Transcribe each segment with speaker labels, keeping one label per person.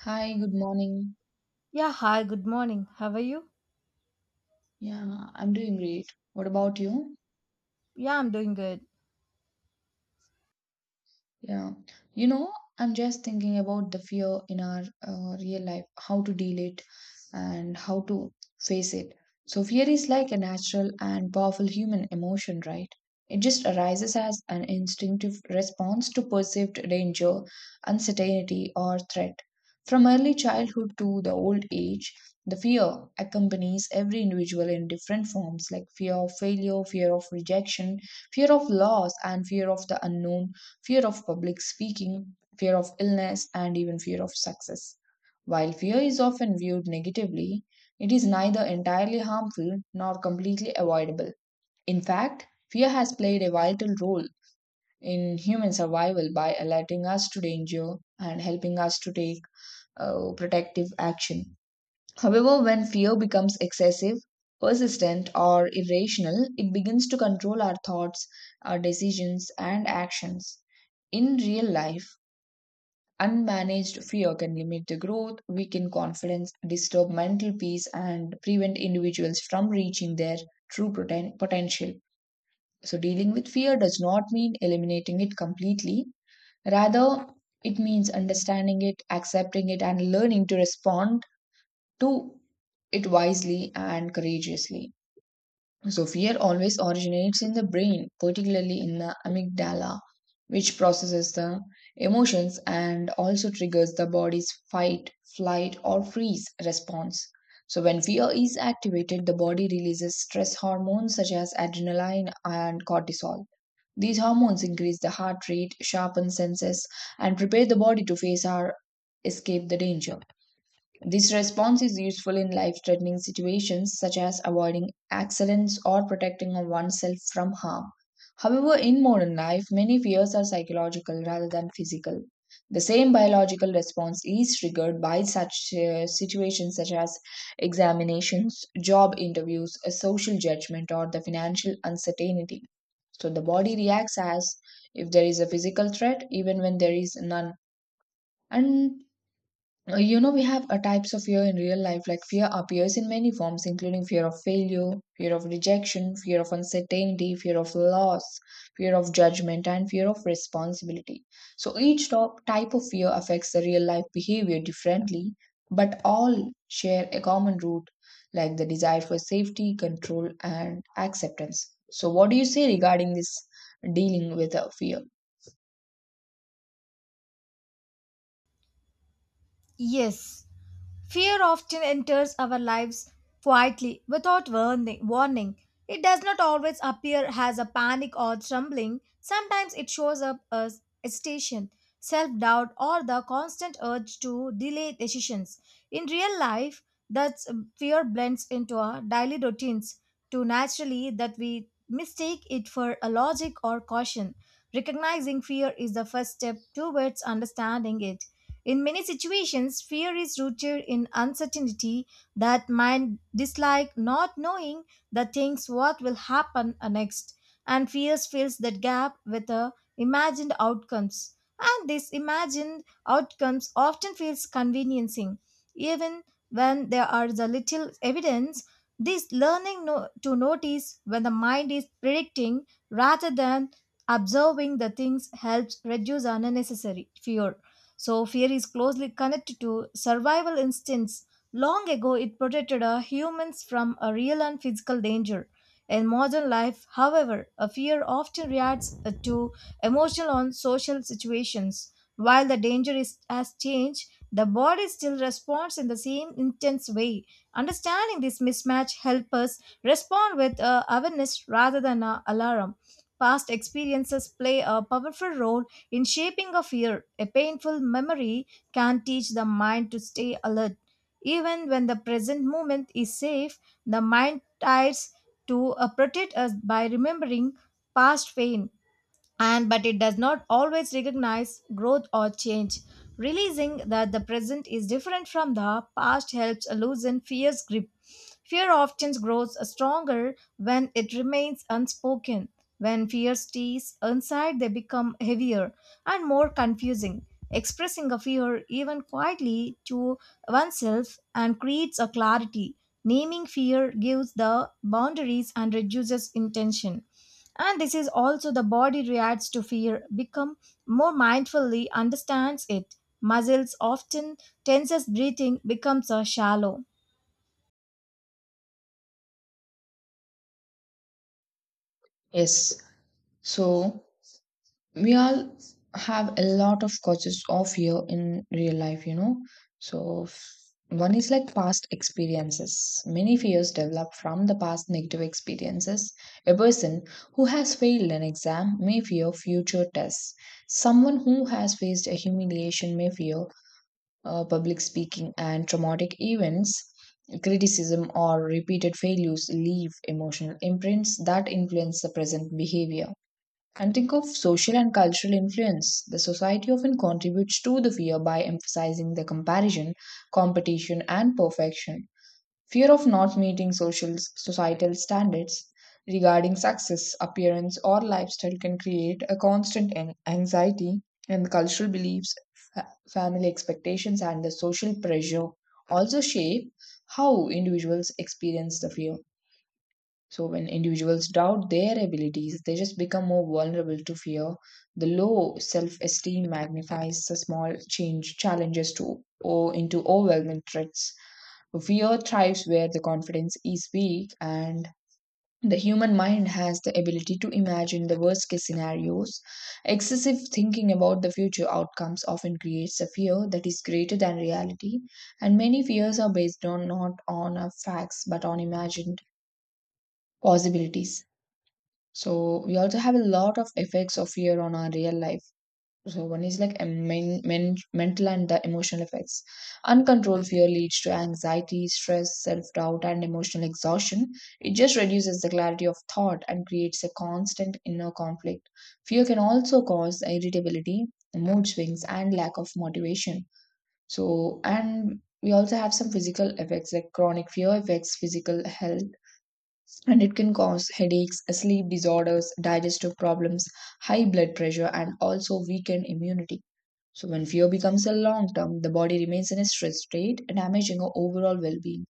Speaker 1: Hi, good morning.
Speaker 2: Yeah, hi, good morning. How are you?
Speaker 1: Yeah, I'm doing great. What about you?
Speaker 2: Yeah, I'm doing good.
Speaker 1: Yeah. You know, I'm just thinking about the fear in our real life, how to deal it and how to face it. So, fear is like a natural and powerful human emotion, right? It just arises as an instinctive response to perceived danger, uncertainty, or threat. From early childhood to the old age, the fear accompanies every individual in different forms like fear of failure, fear of rejection, fear of loss, and fear of the unknown fear of public speaking, fear of illness, and even fear of success. While fear is often viewed negatively, it is neither entirely harmful nor completely avoidable. In fact, fear has played a vital role in human survival by alerting us to danger and helping us to take protective action. However, when fear becomes excessive, persistent, or irrational, it begins to control our thoughts, our decisions, and actions. In real life, unmanaged fear can limit the growth, weaken confidence, disturb mental peace, and prevent individuals from reaching their potential. So, dealing with fear does not mean eliminating it completely. Rather, it means understanding it, accepting it, and learning to respond to it wisely and courageously. So, fear always originates in the brain, particularly in the amygdala, which processes the emotions and also triggers the body's fight, flight, or freeze response. So, when fear is activated, the body releases stress hormones such as adrenaline and cortisol. These hormones increase the heart rate, sharpen senses, and prepare the body to face or escape the danger. This response is useful in life threatening situations such as avoiding accidents or protecting oneself from harm. However, in modern life, many fears are psychological rather than physical. The same biological response is triggered by such situations such as examinations, job interviews, a social judgment, or the financial uncertainty. So the body reacts as if there is a physical threat, even when there is none. And You know, we have types of fear in real life. Like fear appears in many forms, including fear of failure, fear of rejection, fear of uncertainty, fear of loss, fear of judgment, and fear of responsibility. So each top type of fear affects the real life behavior differently, but all share a common root, like the desire for safety, control, and acceptance. So, what do you say regarding this dealing with fear?
Speaker 2: Yes, fear often enters our lives quietly without warning. It does not always appear as a panic or trembling. Sometimes it shows up as hesitation, self doubt, or the constant urge to delay decisions. In real life, that fear blends into our daily routines too naturally that we mistake it for a logic or caution. Recognizing fear is the first step towards understanding it. In many situations, fear is rooted in uncertainty that might dislike not knowing the things what will happen next, and fears fills that gap with the imagined outcomes. And these imagined outcomes often feels conveniencing, even when there are the little evidence. This learning to notice when the mind is predicting rather than observing the things helps reduce unnecessary fear. So, fear is closely connected to survival instincts. Long ago, it protected humans from a real and physical danger. In modern life, however, a fear often reacts to emotional and social situations. While the danger is, has changed, the body still responds in the same intense way. Understanding this mismatch helps us respond with awareness rather than alarm. Past experiences play a powerful role in shaping a fear. A painful memory can teach the mind to stay alert. Even when the present moment is safe, the mind tries to protect us by remembering past pain, and but it does not always recognize growth or change. Realizing that the present is different from the past helps loosen fear's grip. Fear often grows stronger when it remains unspoken. When fear stays inside, they become heavier and more confusing. Expressing a fear, even quietly to oneself, and creates a clarity. Naming fear gives the boundaries and reduces intention. And this is also the body reacts to fear become more mindfully understands it. Muscles often tenses, breathing becomes a shallow.
Speaker 1: Yes. So, we all have a lot of causes of fear in real life, you know. So, f- One is like past experiences. Many fears develop from the past negative experiences. A person who has failed an exam may fear future tests. Someone who has faced a humiliation may fear public speaking and traumatic events. Criticism or repeated failures leave emotional imprints that influence the present behavior. And think of social and cultural influence. The society often contributes to the fear by emphasizing the comparison, competition, and perfection. Fear of not meeting social societal standards regarding success, appearance, or lifestyle can create a anxiety, and cultural beliefs, fa- family expectations, and the social pressure also shape how individuals experience the fear. So when individuals doubt their abilities, they just become more vulnerable to fear. The low self-esteem magnifies the small change challenges to or into overwhelming threats. Fear thrives where the confidence is weak and the human mind has the ability to imagine the worst case scenarios. Excessive thinking about the future outcomes often creates a fear that is greater than reality, and many fears are based on not on facts but on imagined possibilities. So we also have a lot of effects of fear on our real life. So one is like a mental and the emotional effects. Uncontrolled fear leads to anxiety, stress, self-doubt, and emotional exhaustion. It just reduces the clarity of thought and creates a constant inner conflict. Fear can also cause irritability, mood swings, and lack of motivation. So and we also have some physical effects like chronic fear affects physical health and it can cause headaches, sleep disorders, digestive problems, high blood pressure, and also weakened immunity. So, when fear becomes a long term, the body remains in a stress state, damaging our overall well being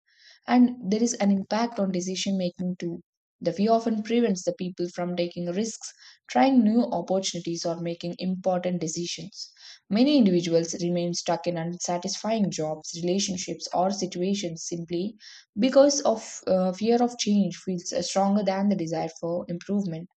Speaker 1: and there is an impact on decision making too. The fear often prevents the people from taking risks, trying new opportunities, or making important decisions. Many individuals remain stuck in unsatisfying jobs, relationships, or situations simply because of fear of change feels stronger than the desire for improvement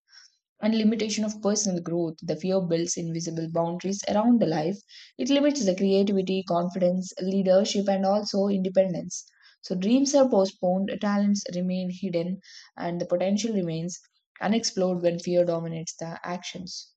Speaker 1: and limitation of personal growth. The fear builds invisible boundaries around the life. It limits the creativity, confidence, leadership, and also independence. So dreams are postponed, talents remain hidden, and the potential remains unexplored when fear dominates the actions.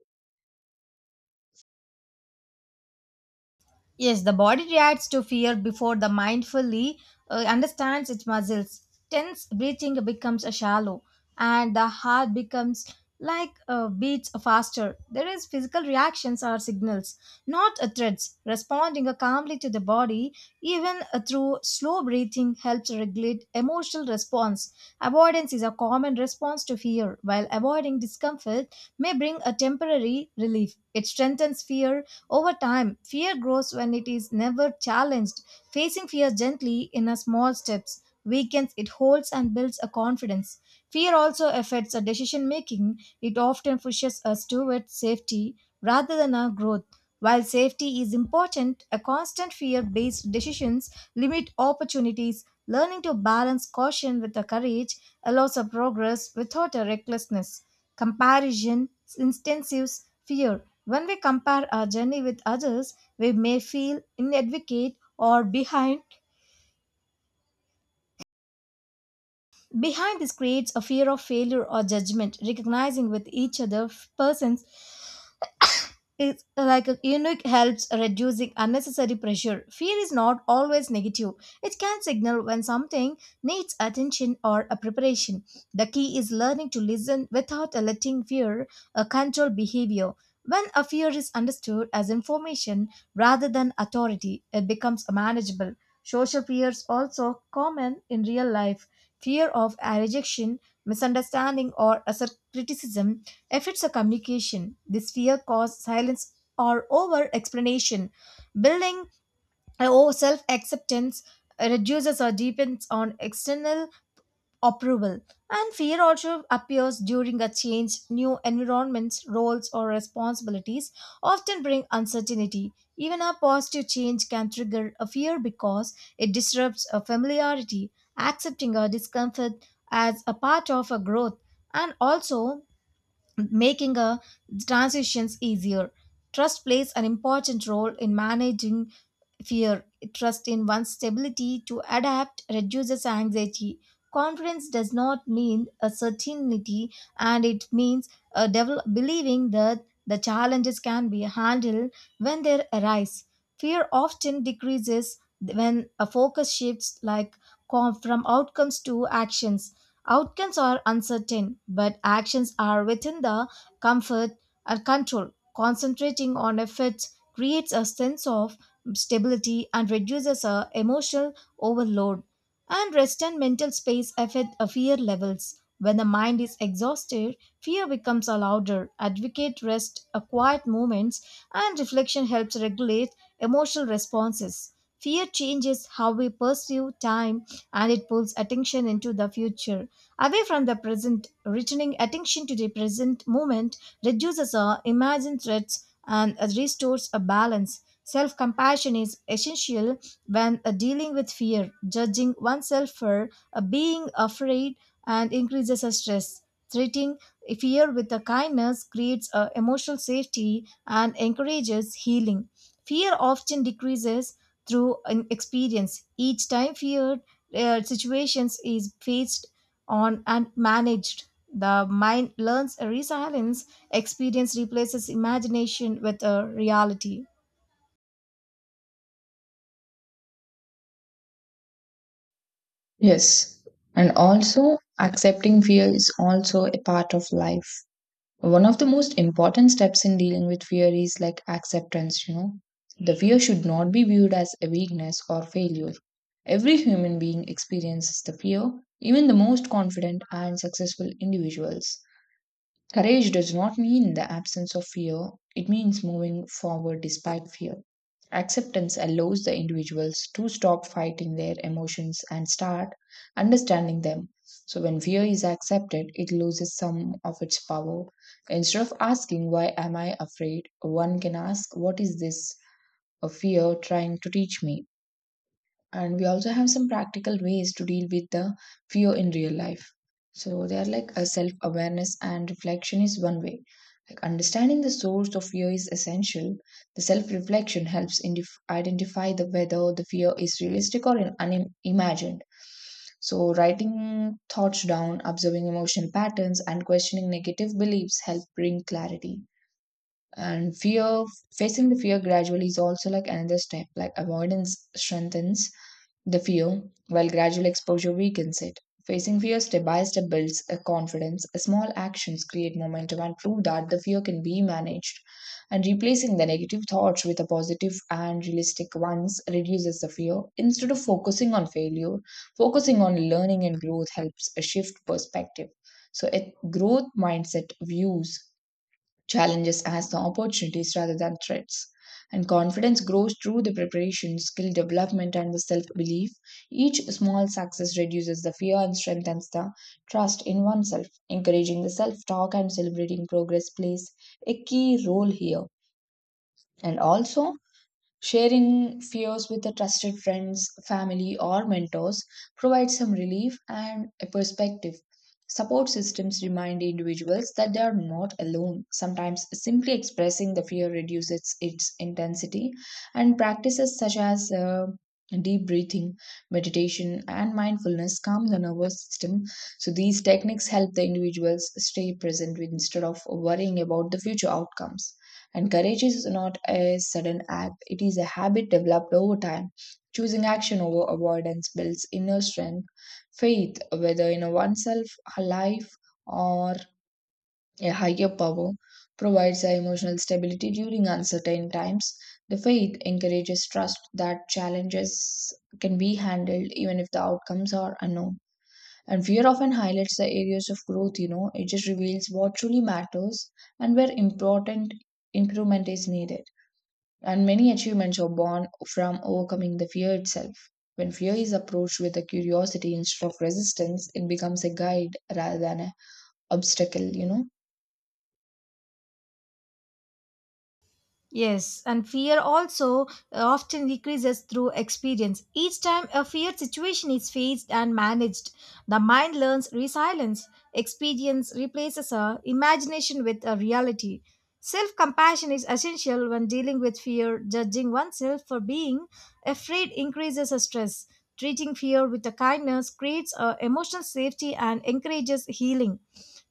Speaker 2: Yes, the body reacts to fear before the mind fully understands its muscles. Tense breathing becomes a shallow, and the heart becomes like beats faster. There is physical reactions or signals, not threats. Responding calmly to the body, even through slow breathing, helps regulate emotional response. Avoidance is a common response to fear, while avoiding discomfort may bring a temporary relief. It strengthens fear over time. Fear grows when it is never challenged. Facing fear gently in a small steps weakens it holds and builds a confidence. Fear also affects our decision making. It often pushes us toward safety rather than our growth. While safety is important, a constant fear based decisions limit opportunities. Learning to balance caution with the courage allows a progress without a recklessness. Comparison, intensives fear. When we compare our journey with others, we may feel inadequate or behind. Behind this creates a fear of failure or judgment. Recognizing with each other person's, it's like a unique helps reducing unnecessary pressure. Fear is not always negative. It can signal when something needs attention or a preparation. The key is learning to listen without letting fear control behavior. When a fear is understood as information rather than authority, it becomes manageable. Social fears also common in real life. Fear of rejection, misunderstanding, or criticism affects the communication. This fear causes silence or over explanation. Building our self acceptance reduces or depends on external approval. And fear also appears during a change. New environments, roles, or responsibilities often bring uncertainty. Even a positive change can trigger a fear because it disrupts a familiarity, accepting a discomfort as a part of a growth, and also making a transitions easier. Trust plays an important role in managing fear. Trust in one's stability to adapt reduces anxiety. Confidence does not mean a certainty, and it means a believing that the challenges can be handled when they arise. Fear often decreases when a focus shifts, like from outcomes to actions. Outcomes are uncertain, but actions are within the comfort and control. Concentrating on efforts creates a sense of stability and reduces emotional overload. And rest and mental space affect fear levels. When the mind is exhausted, fear becomes a louder. Advocate rest, a quiet moments, and reflection helps regulate emotional responses. Fear changes how we pursue time, and it pulls attention into the future. Away from the present, returning attention to the present moment reduces our imagined threats and restores a balance. Self compassion is essential when dealing with fear. Judging oneself for being afraid and increases the stress. Treating fear with a kindness creates emotional safety and encourages healing. Fear often decreases through an experience. Each time feared situations is faced on and managed, the mind learns a resilience. Experience replaces imagination with a reality.
Speaker 1: Yes. And also, accepting fear is also a part of life. One of the most important steps in dealing with fear is like acceptance, you know. The fear should not be viewed as a weakness or failure. Every human being experiences the fear, even the most confident and successful individuals. Courage does not mean the absence of fear, it means moving forward despite fear. Acceptance allows the individuals to stop fighting their emotions and start understanding them. So, when fear is accepted, it loses some of its power. Instead of asking, "Why am I afraid?" one can ask, "What is this a fear trying to teach me?" And we also have some practical ways to deal with the fear in real life, so they are like a self awareness and reflection is one way, like understanding the source of fear is essential. The self reflection helps in identify the whether the fear is realistic or unimagined, so writing thoughts down, observing emotional patterns, and questioning negative beliefs help bring clarity. And fear Facing the fear gradually is also like another step, like avoidance strengthens the fear, while gradual exposure weakens it. Facing fear step by step builds a confidence. Small actions create momentum and prove that the fear can be managed. And replacing the negative thoughts with a positive and realistic ones reduces the fear. Instead of focusing on failure, focusing on learning and growth helps a shift perspective. So, a growth mindset views challenges as the opportunities rather than threats. And confidence grows through the preparation, skill development, and the self belief. Each small success reduces the fear and strengthens the trust in oneself. Encouraging the self talk and celebrating progress plays a key role here. And also, sharing fears with a trusted friends, family, or mentors provides some relief and a perspective. Support systems remind individuals that they are not alone. Sometimes simply expressing the fear reduces its intensity, and practices such as deep breathing, meditation, and mindfulness calm the nervous system. So, these techniques help the individuals stay present instead of worrying about the future outcomes. And courage is not a sudden act, it is a habit developed over time. Choosing action over avoidance builds inner strength, faith, whether in oneself, a life, or a higher power, provides a emotional stability during uncertain times. The faith encourages trust that challenges can be handled even if the outcomes are unknown. And fear often highlights the areas of growth, you know, it just reveals what truly matters and where important improvement is needed. And many achievements are born from overcoming the fear itself. When fear is approached with a curiosity instead of resistance, it becomes a guide rather than an obstacle, you know?
Speaker 2: Yes, and fear also often decreases through experience. Each time a fear situation is faced and managed, the mind learns resilience. Experience replaces a imagination with a reality. Self-compassion is essential when dealing with fear. Judging oneself for being afraid increases a stress. Treating fear with a kindness creates a emotional safety and encourages healing.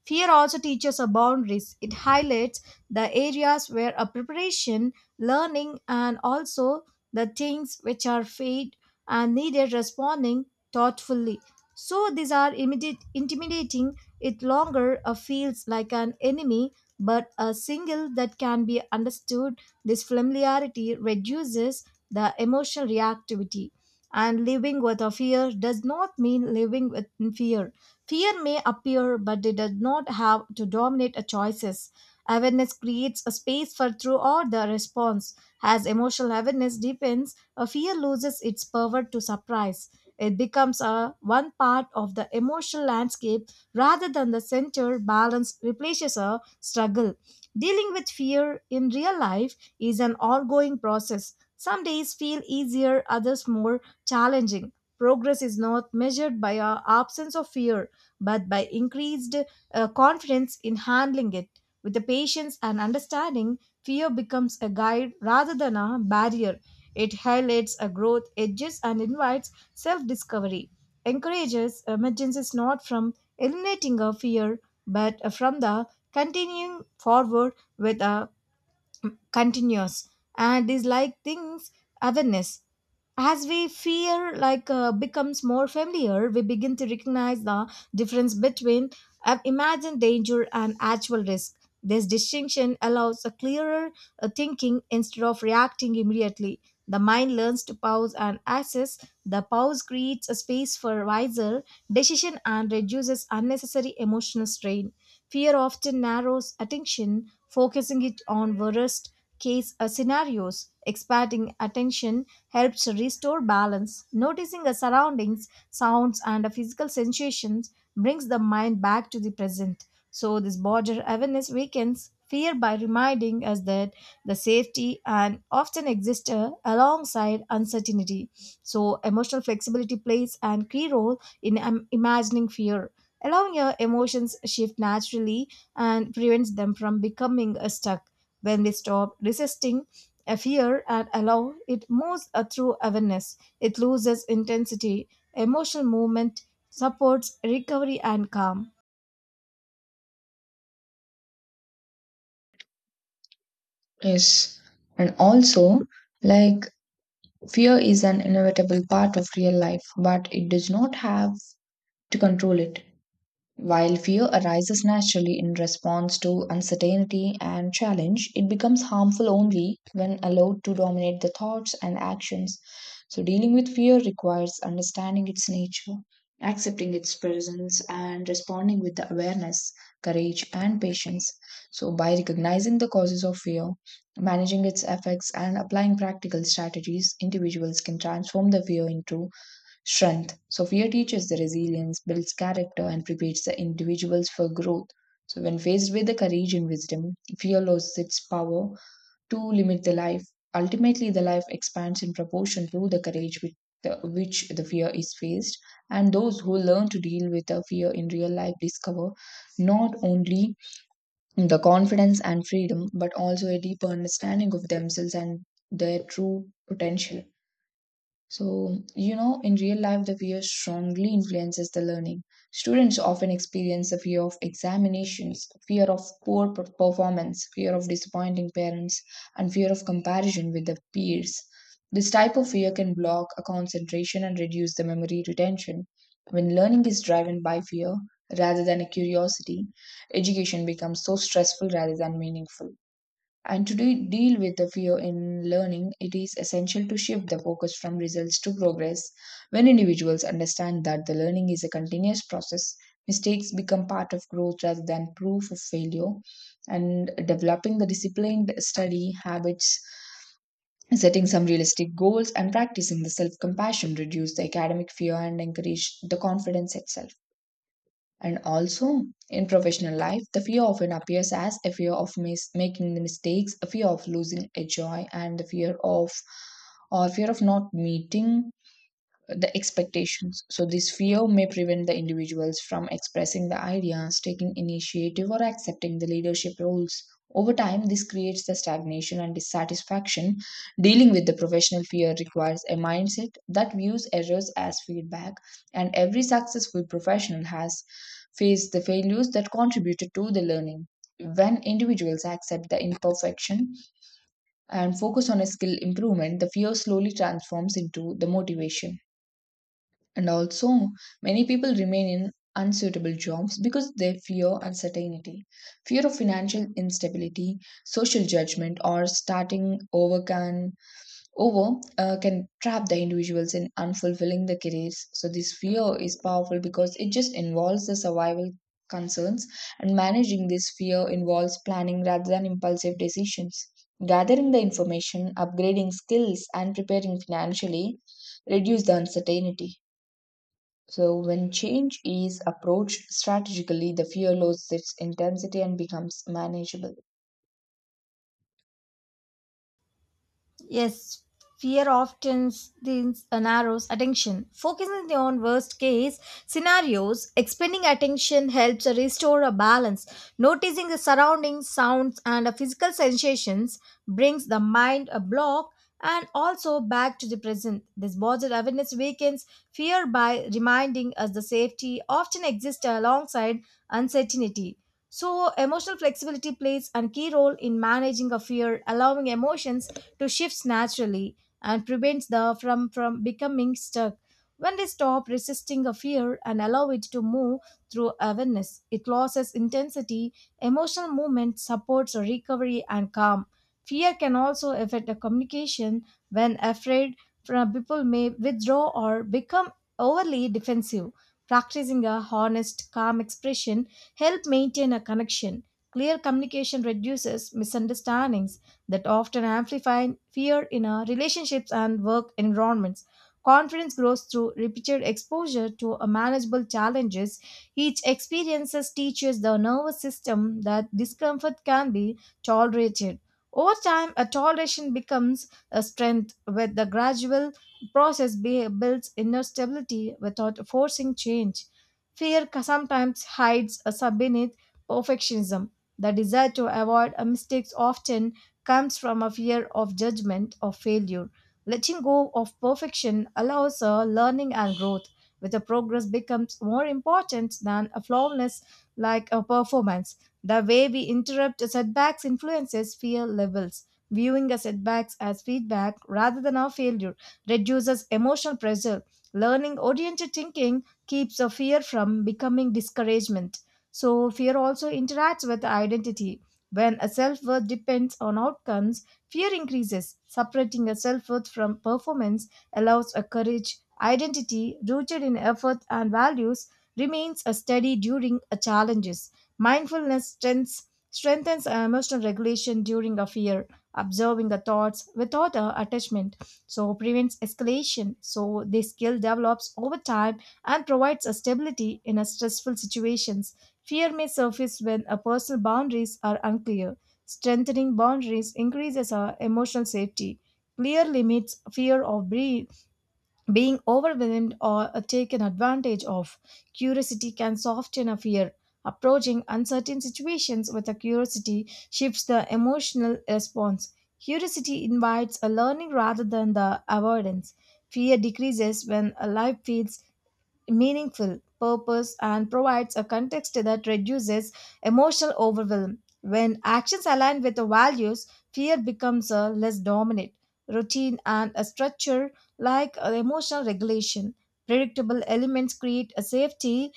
Speaker 2: Fear also teaches a boundaries. It highlights the areas where a preparation, learning, and also the things which are fed and needed responding thoughtfully. So these are immediate, intimidating. It longer feels like an enemy, but a single that can be understood. This familiarity reduces the emotional reactivity. And living with a fear does not mean living with fear. Fear may appear, but it does not have to dominate a choices. Awareness creates a space for true order response. As emotional awareness deepens, a fear loses its power to surprise. It becomes a one part of the emotional landscape rather than the center balance replaces a struggle. Dealing with fear in real life is an ongoing process. Some days feel easier, others more challenging. Progress is not measured by our absence of fear, but by increased confidence in handling it. With the patience and understanding, fear becomes a guide rather than a barrier. It highlights a growth, edges, and invites self discovery. Encourages emergence is not from eliminating a fear, but from the continuing forward with a continuous and is like things awareness. As we fear like becomes more familiar, we begin to recognize the difference between imagined danger and actual risk. This distinction allows a clearer thinking. Instead of reacting immediately, the mind learns to pause and assess. The pause creates a space for wiser decision and reduces unnecessary emotional strain. Fear often narrows attention, focusing it on worst case scenarios. Expanding attention helps restore balance. Noticing the surroundings, sounds, and the physical sensations brings the mind back to the present. So, this border awareness weakens fear by reminding us that the safety and often exists alongside uncertainty. So, emotional flexibility plays an key role in imagining fear, allowing your emotions shift naturally and prevents them from becoming stuck. When we stop resisting a fear and allow it moves through awareness, it loses intensity. Emotional movement supports recovery and calm.
Speaker 1: Yes. And also, like, fear is an inevitable part of real life, but it does not have to control it. While fear arises naturally in response to uncertainty and challenge, it becomes harmful only when allowed to dominate the thoughts and actions. So, dealing with fear requires understanding its nature, accepting its presence, and responding with the awareness, courage, and patience. So, by recognizing the causes of fear, managing its effects, and applying practical strategies, individuals can transform the fear into strength. So fear teaches the resilience, builds character, and prepares the individuals for growth. So when faced with the courage and wisdom, fear loses its power to limit the life. Ultimately, the life expands in proportion to the courage with the, which the fear is faced. And those who learn to deal with the fear in real life discover not only the confidence and freedom, but also a deeper understanding of themselves and their true potential. So, you know, in real life, the fear strongly influences the learning. Students often experience the fear of examinations, fear of performance, fear of disappointing parents, and fear of comparison with the peers. This type of fear can block a concentration and reduce the memory retention. When learning is driven by fear rather than a curiosity, education becomes so stressful rather than meaningful. And to deal with the fear in learning, it is essential to shift the focus from results to progress. When individuals understand that the learning is a continuous process, mistakes become part of growth rather than proof of failure. And developing the disciplined study habits, setting some realistic goals, and practicing the self compassion reduce the academic fear and encourage the confidence itself. And also, in professional life, the fear often appears as a fear of making the mistakes, a fear of losing a joy, and the fear of or fear of not meeting the expectations. So, this fear may prevent the individuals from expressing the ideas, taking initiative, or accepting the leadership roles. Over time, this creates the stagnation and dissatisfaction. Dealing with the professional fear requires a mindset that views errors as feedback, and every successful professional has faced the failures that contributed to the learning. When individuals accept the imperfection and focus on a skill improvement, the fear slowly transforms into the motivation. And also, many people remain in unsuitable jobs because they fear uncertainty, fear of financial instability, social judgment, or starting over can trap the individuals in unfulfilling the careers. So this fear is powerful because it just involves the survival concerns, and managing this fear involves planning rather than impulsive decisions. Gathering the information, upgrading skills, and preparing financially reduce the uncertainty. So, when change is approached strategically, the fear loses its intensity and becomes manageable.
Speaker 2: Yes, fear often narrows attention, focusing on worst case scenarios. Expanding attention helps restore a balance. Noticing the surroundings, sounds, and physical sensations brings the mind a block and also back to the present. This bodily awareness weakens fear by reminding us the safety often exists alongside uncertainty. So, emotional flexibility plays a key role in managing a fear, allowing emotions to shifts naturally and prevents the from becoming stuck. When they stop resisting a fear and allow it to move through awareness, it loses intensity. Emotional movement supports recovery and calm. Fear can also affect the communication. When afraid, from people may withdraw or become overly defensive. Practicing a honest, calm expression help maintain a connection. Clear communication reduces misunderstandings that often amplify fear in our relationships and work environments. Confidence grows through repeated exposure to a manageable challenges. Each experiences teaches the nervous system that discomfort can be tolerated. Over time, a toleration becomes a strength with the gradual process builds inner stability without forcing change. Sometimes hides a beneath perfectionism. The desire to avoid a mistakes often comes from a fear of judgment or failure. Letting go of perfection allows a learning and growth, with a progress becomes more important than a flawlessness like a performance. The way we interrupt setbacks influences fear levels. Viewing a setbacks as feedback rather than a failure reduces emotional pressure. Learning oriented thinking keeps a fear from becoming discouragement. So fear also interacts with identity. When a self worth depends on outcomes, fear increases. Separating a self worth from performance allows a courage. Identity rooted in effort and values remains a steady during a challenges. Mindfulness strengthens our emotional regulation during a fear, observing the thoughts without a attachment, so prevents escalation. So this skill develops over time and provides a stability in a stressful situations. Fear may surface when a personal boundaries are unclear. Strengthening boundaries increases our emotional safety. Clear limits fear of being overwhelmed or taken advantage of. Curiosity can soften a fear. Approaching uncertain situations with a curiosity shifts the emotional response. Curiosity invites a learning rather than the avoidance. Fear decreases when a life feels meaningful. Purpose and provides a context that reduces emotional overwhelm. When actions align with the values, fear becomes a less dominant routine and a structure like emotional regulation. Predictable elements create a safety,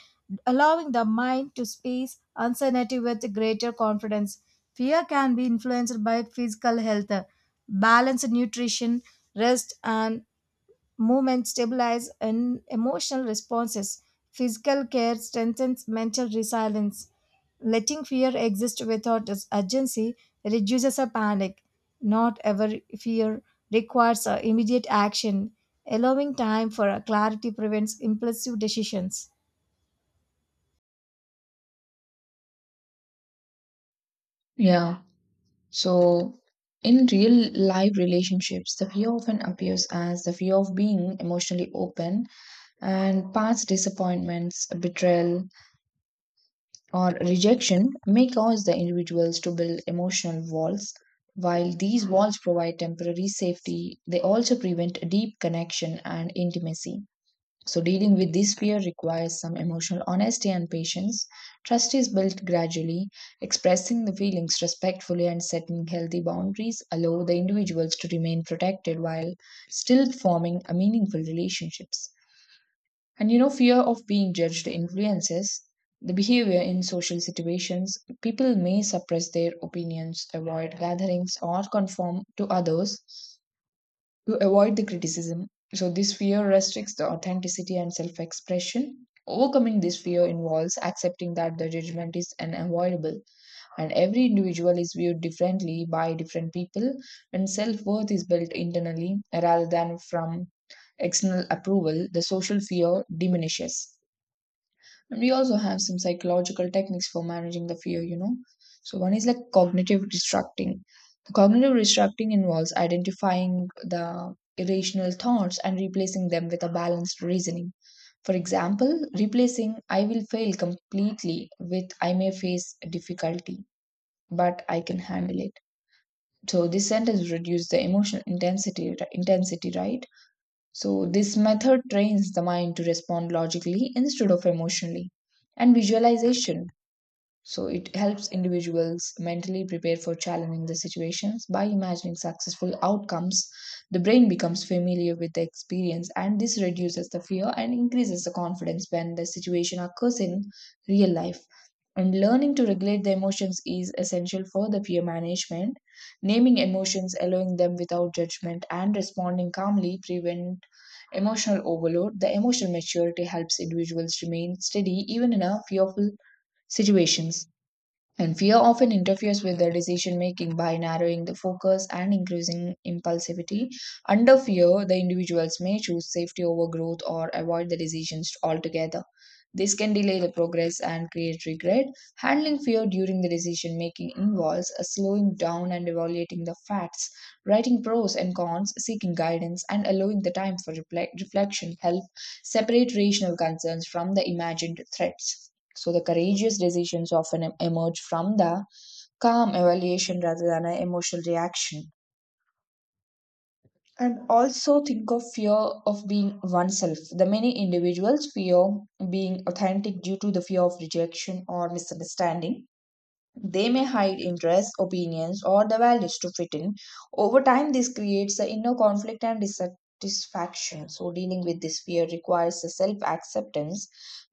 Speaker 2: allowing the mind to space uncertainty with greater confidence. Fear can be influenced by physical health. Balanced nutrition, rest, and movement stabilizes in emotional responses. Physical care strengthens mental resilience. Letting fear exist without its urgency reduces a panic. Not every fear requires a immediate action. Allowing time for a clarity prevents impulsive decisions.
Speaker 1: Yeah. So, in real life relationships, the fear often appears as the fear of being emotionally open, and past disappointments, betrayal, or rejection may cause the individuals to build emotional walls. While these walls provide temporary safety, they also prevent deep connection and intimacy. So, dealing with this fear requires some emotional honesty and patience. Trust is built gradually, expressing the feelings respectfully and setting healthy boundaries allow the individuals to remain protected while still forming a meaningful relationships. And you know, fear of being judged influences the behavior in social situations. People may suppress their opinions, avoid gatherings, or conform to others to avoid the criticism. So, this fear restricts the authenticity and self expression. Overcoming this fear involves accepting that the judgment is unavoidable and every individual is viewed differently by different people, and self worth is built internally rather than from external approval. The social fear diminishes. And we also have some psychological techniques for managing the fear, you know. So one is like cognitive restructuring. The cognitive restructuring involves identifying the irrational thoughts and replacing them with a balanced reasoning. For example, replacing I will fail completely with I may face difficulty, but I can handle it. So this sentence reduces the emotional intensity, right? So this method trains the mind to respond logically instead of emotionally. And visualization, so it helps individuals mentally prepare for challenging the situations by imagining successful outcomes. The brain becomes familiar with the experience and this reduces the fear and increases the confidence when the situation occurs in real life. And learning to regulate the emotions is essential for the peer management. Naming emotions, allowing them without judgment, and responding calmly prevent emotional overload. The emotional maturity helps individuals remain steady even in a fearful situations. And fear often interferes with the decision making by narrowing the focus and increasing impulsivity. Under fear, the individuals may choose safety over growth or avoid the decisions altogether. This can delay the progress and create regret. Handling fear during the decision making involves a slowing down and evaluating the facts, writing pros and cons, seeking guidance, and allowing the time for reflection help separate rational concerns from the imagined threats. So the courageous decisions often emerge from the calm evaluation rather than an emotional reaction. And also think of fear of being oneself. The many individuals fear being authentic due to the fear of rejection or misunderstanding. They may hide interests, opinions, or the values to fit in. Over time, this creates an inner conflict and dissatisfaction. So, dealing with this fear requires self acceptance.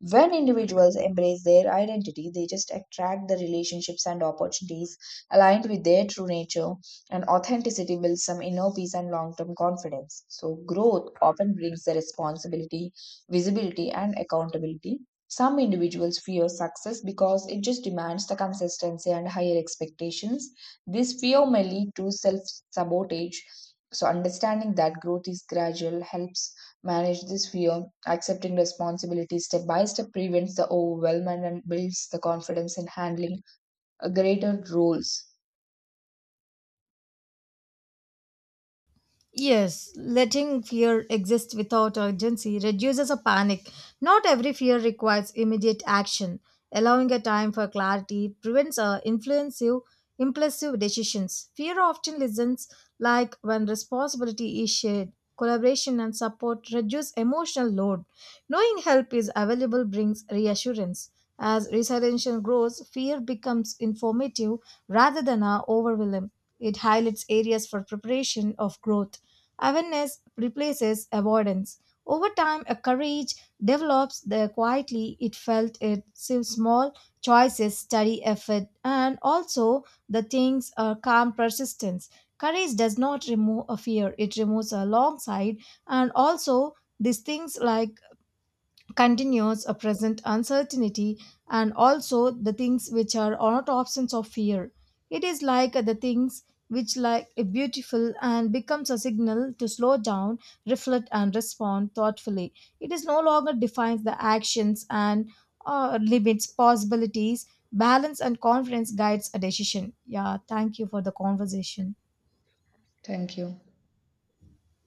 Speaker 1: When individuals embrace their identity, they just attract the relationships and opportunities aligned with their true nature, and authenticity builds some inner peace and long term confidence. So, growth often brings the responsibility, visibility, and accountability. Some individuals fear success because it just demands the consistency and higher expectations. This fear may lead to self sabotage. So, understanding that growth is gradual helps manage this fear. Accepting responsibility step by step prevents the overwhelm and builds the confidence in handling greater roles.
Speaker 2: Yes, letting fear exist without urgency reduces a panic. Not every fear requires immediate action. Allowing a time for clarity prevents impulsive decisions. Fear often listens, like when responsibility is shared. Collaboration and support reduce emotional load. Knowing help is available brings reassurance. As resilience grows, fear becomes informative rather than overwhelming. It highlights areas for preparation of growth. Awareness replaces avoidance. Over time, a courage develops the quietly it felt it so small choices, study effort, and also the things calm persistence. Courage does not remove a fear, it removes alongside, and also these things like continues a present uncertainty, and also the things which are not absence of fear, it is like the things which like a beautiful and becomes a signal to slow down, reflect and respond thoughtfully. It is no longer defines the actions and limits possibilities. Balance and confidence guides a decision. Yeah, thank you for the conversation.
Speaker 1: Thank you.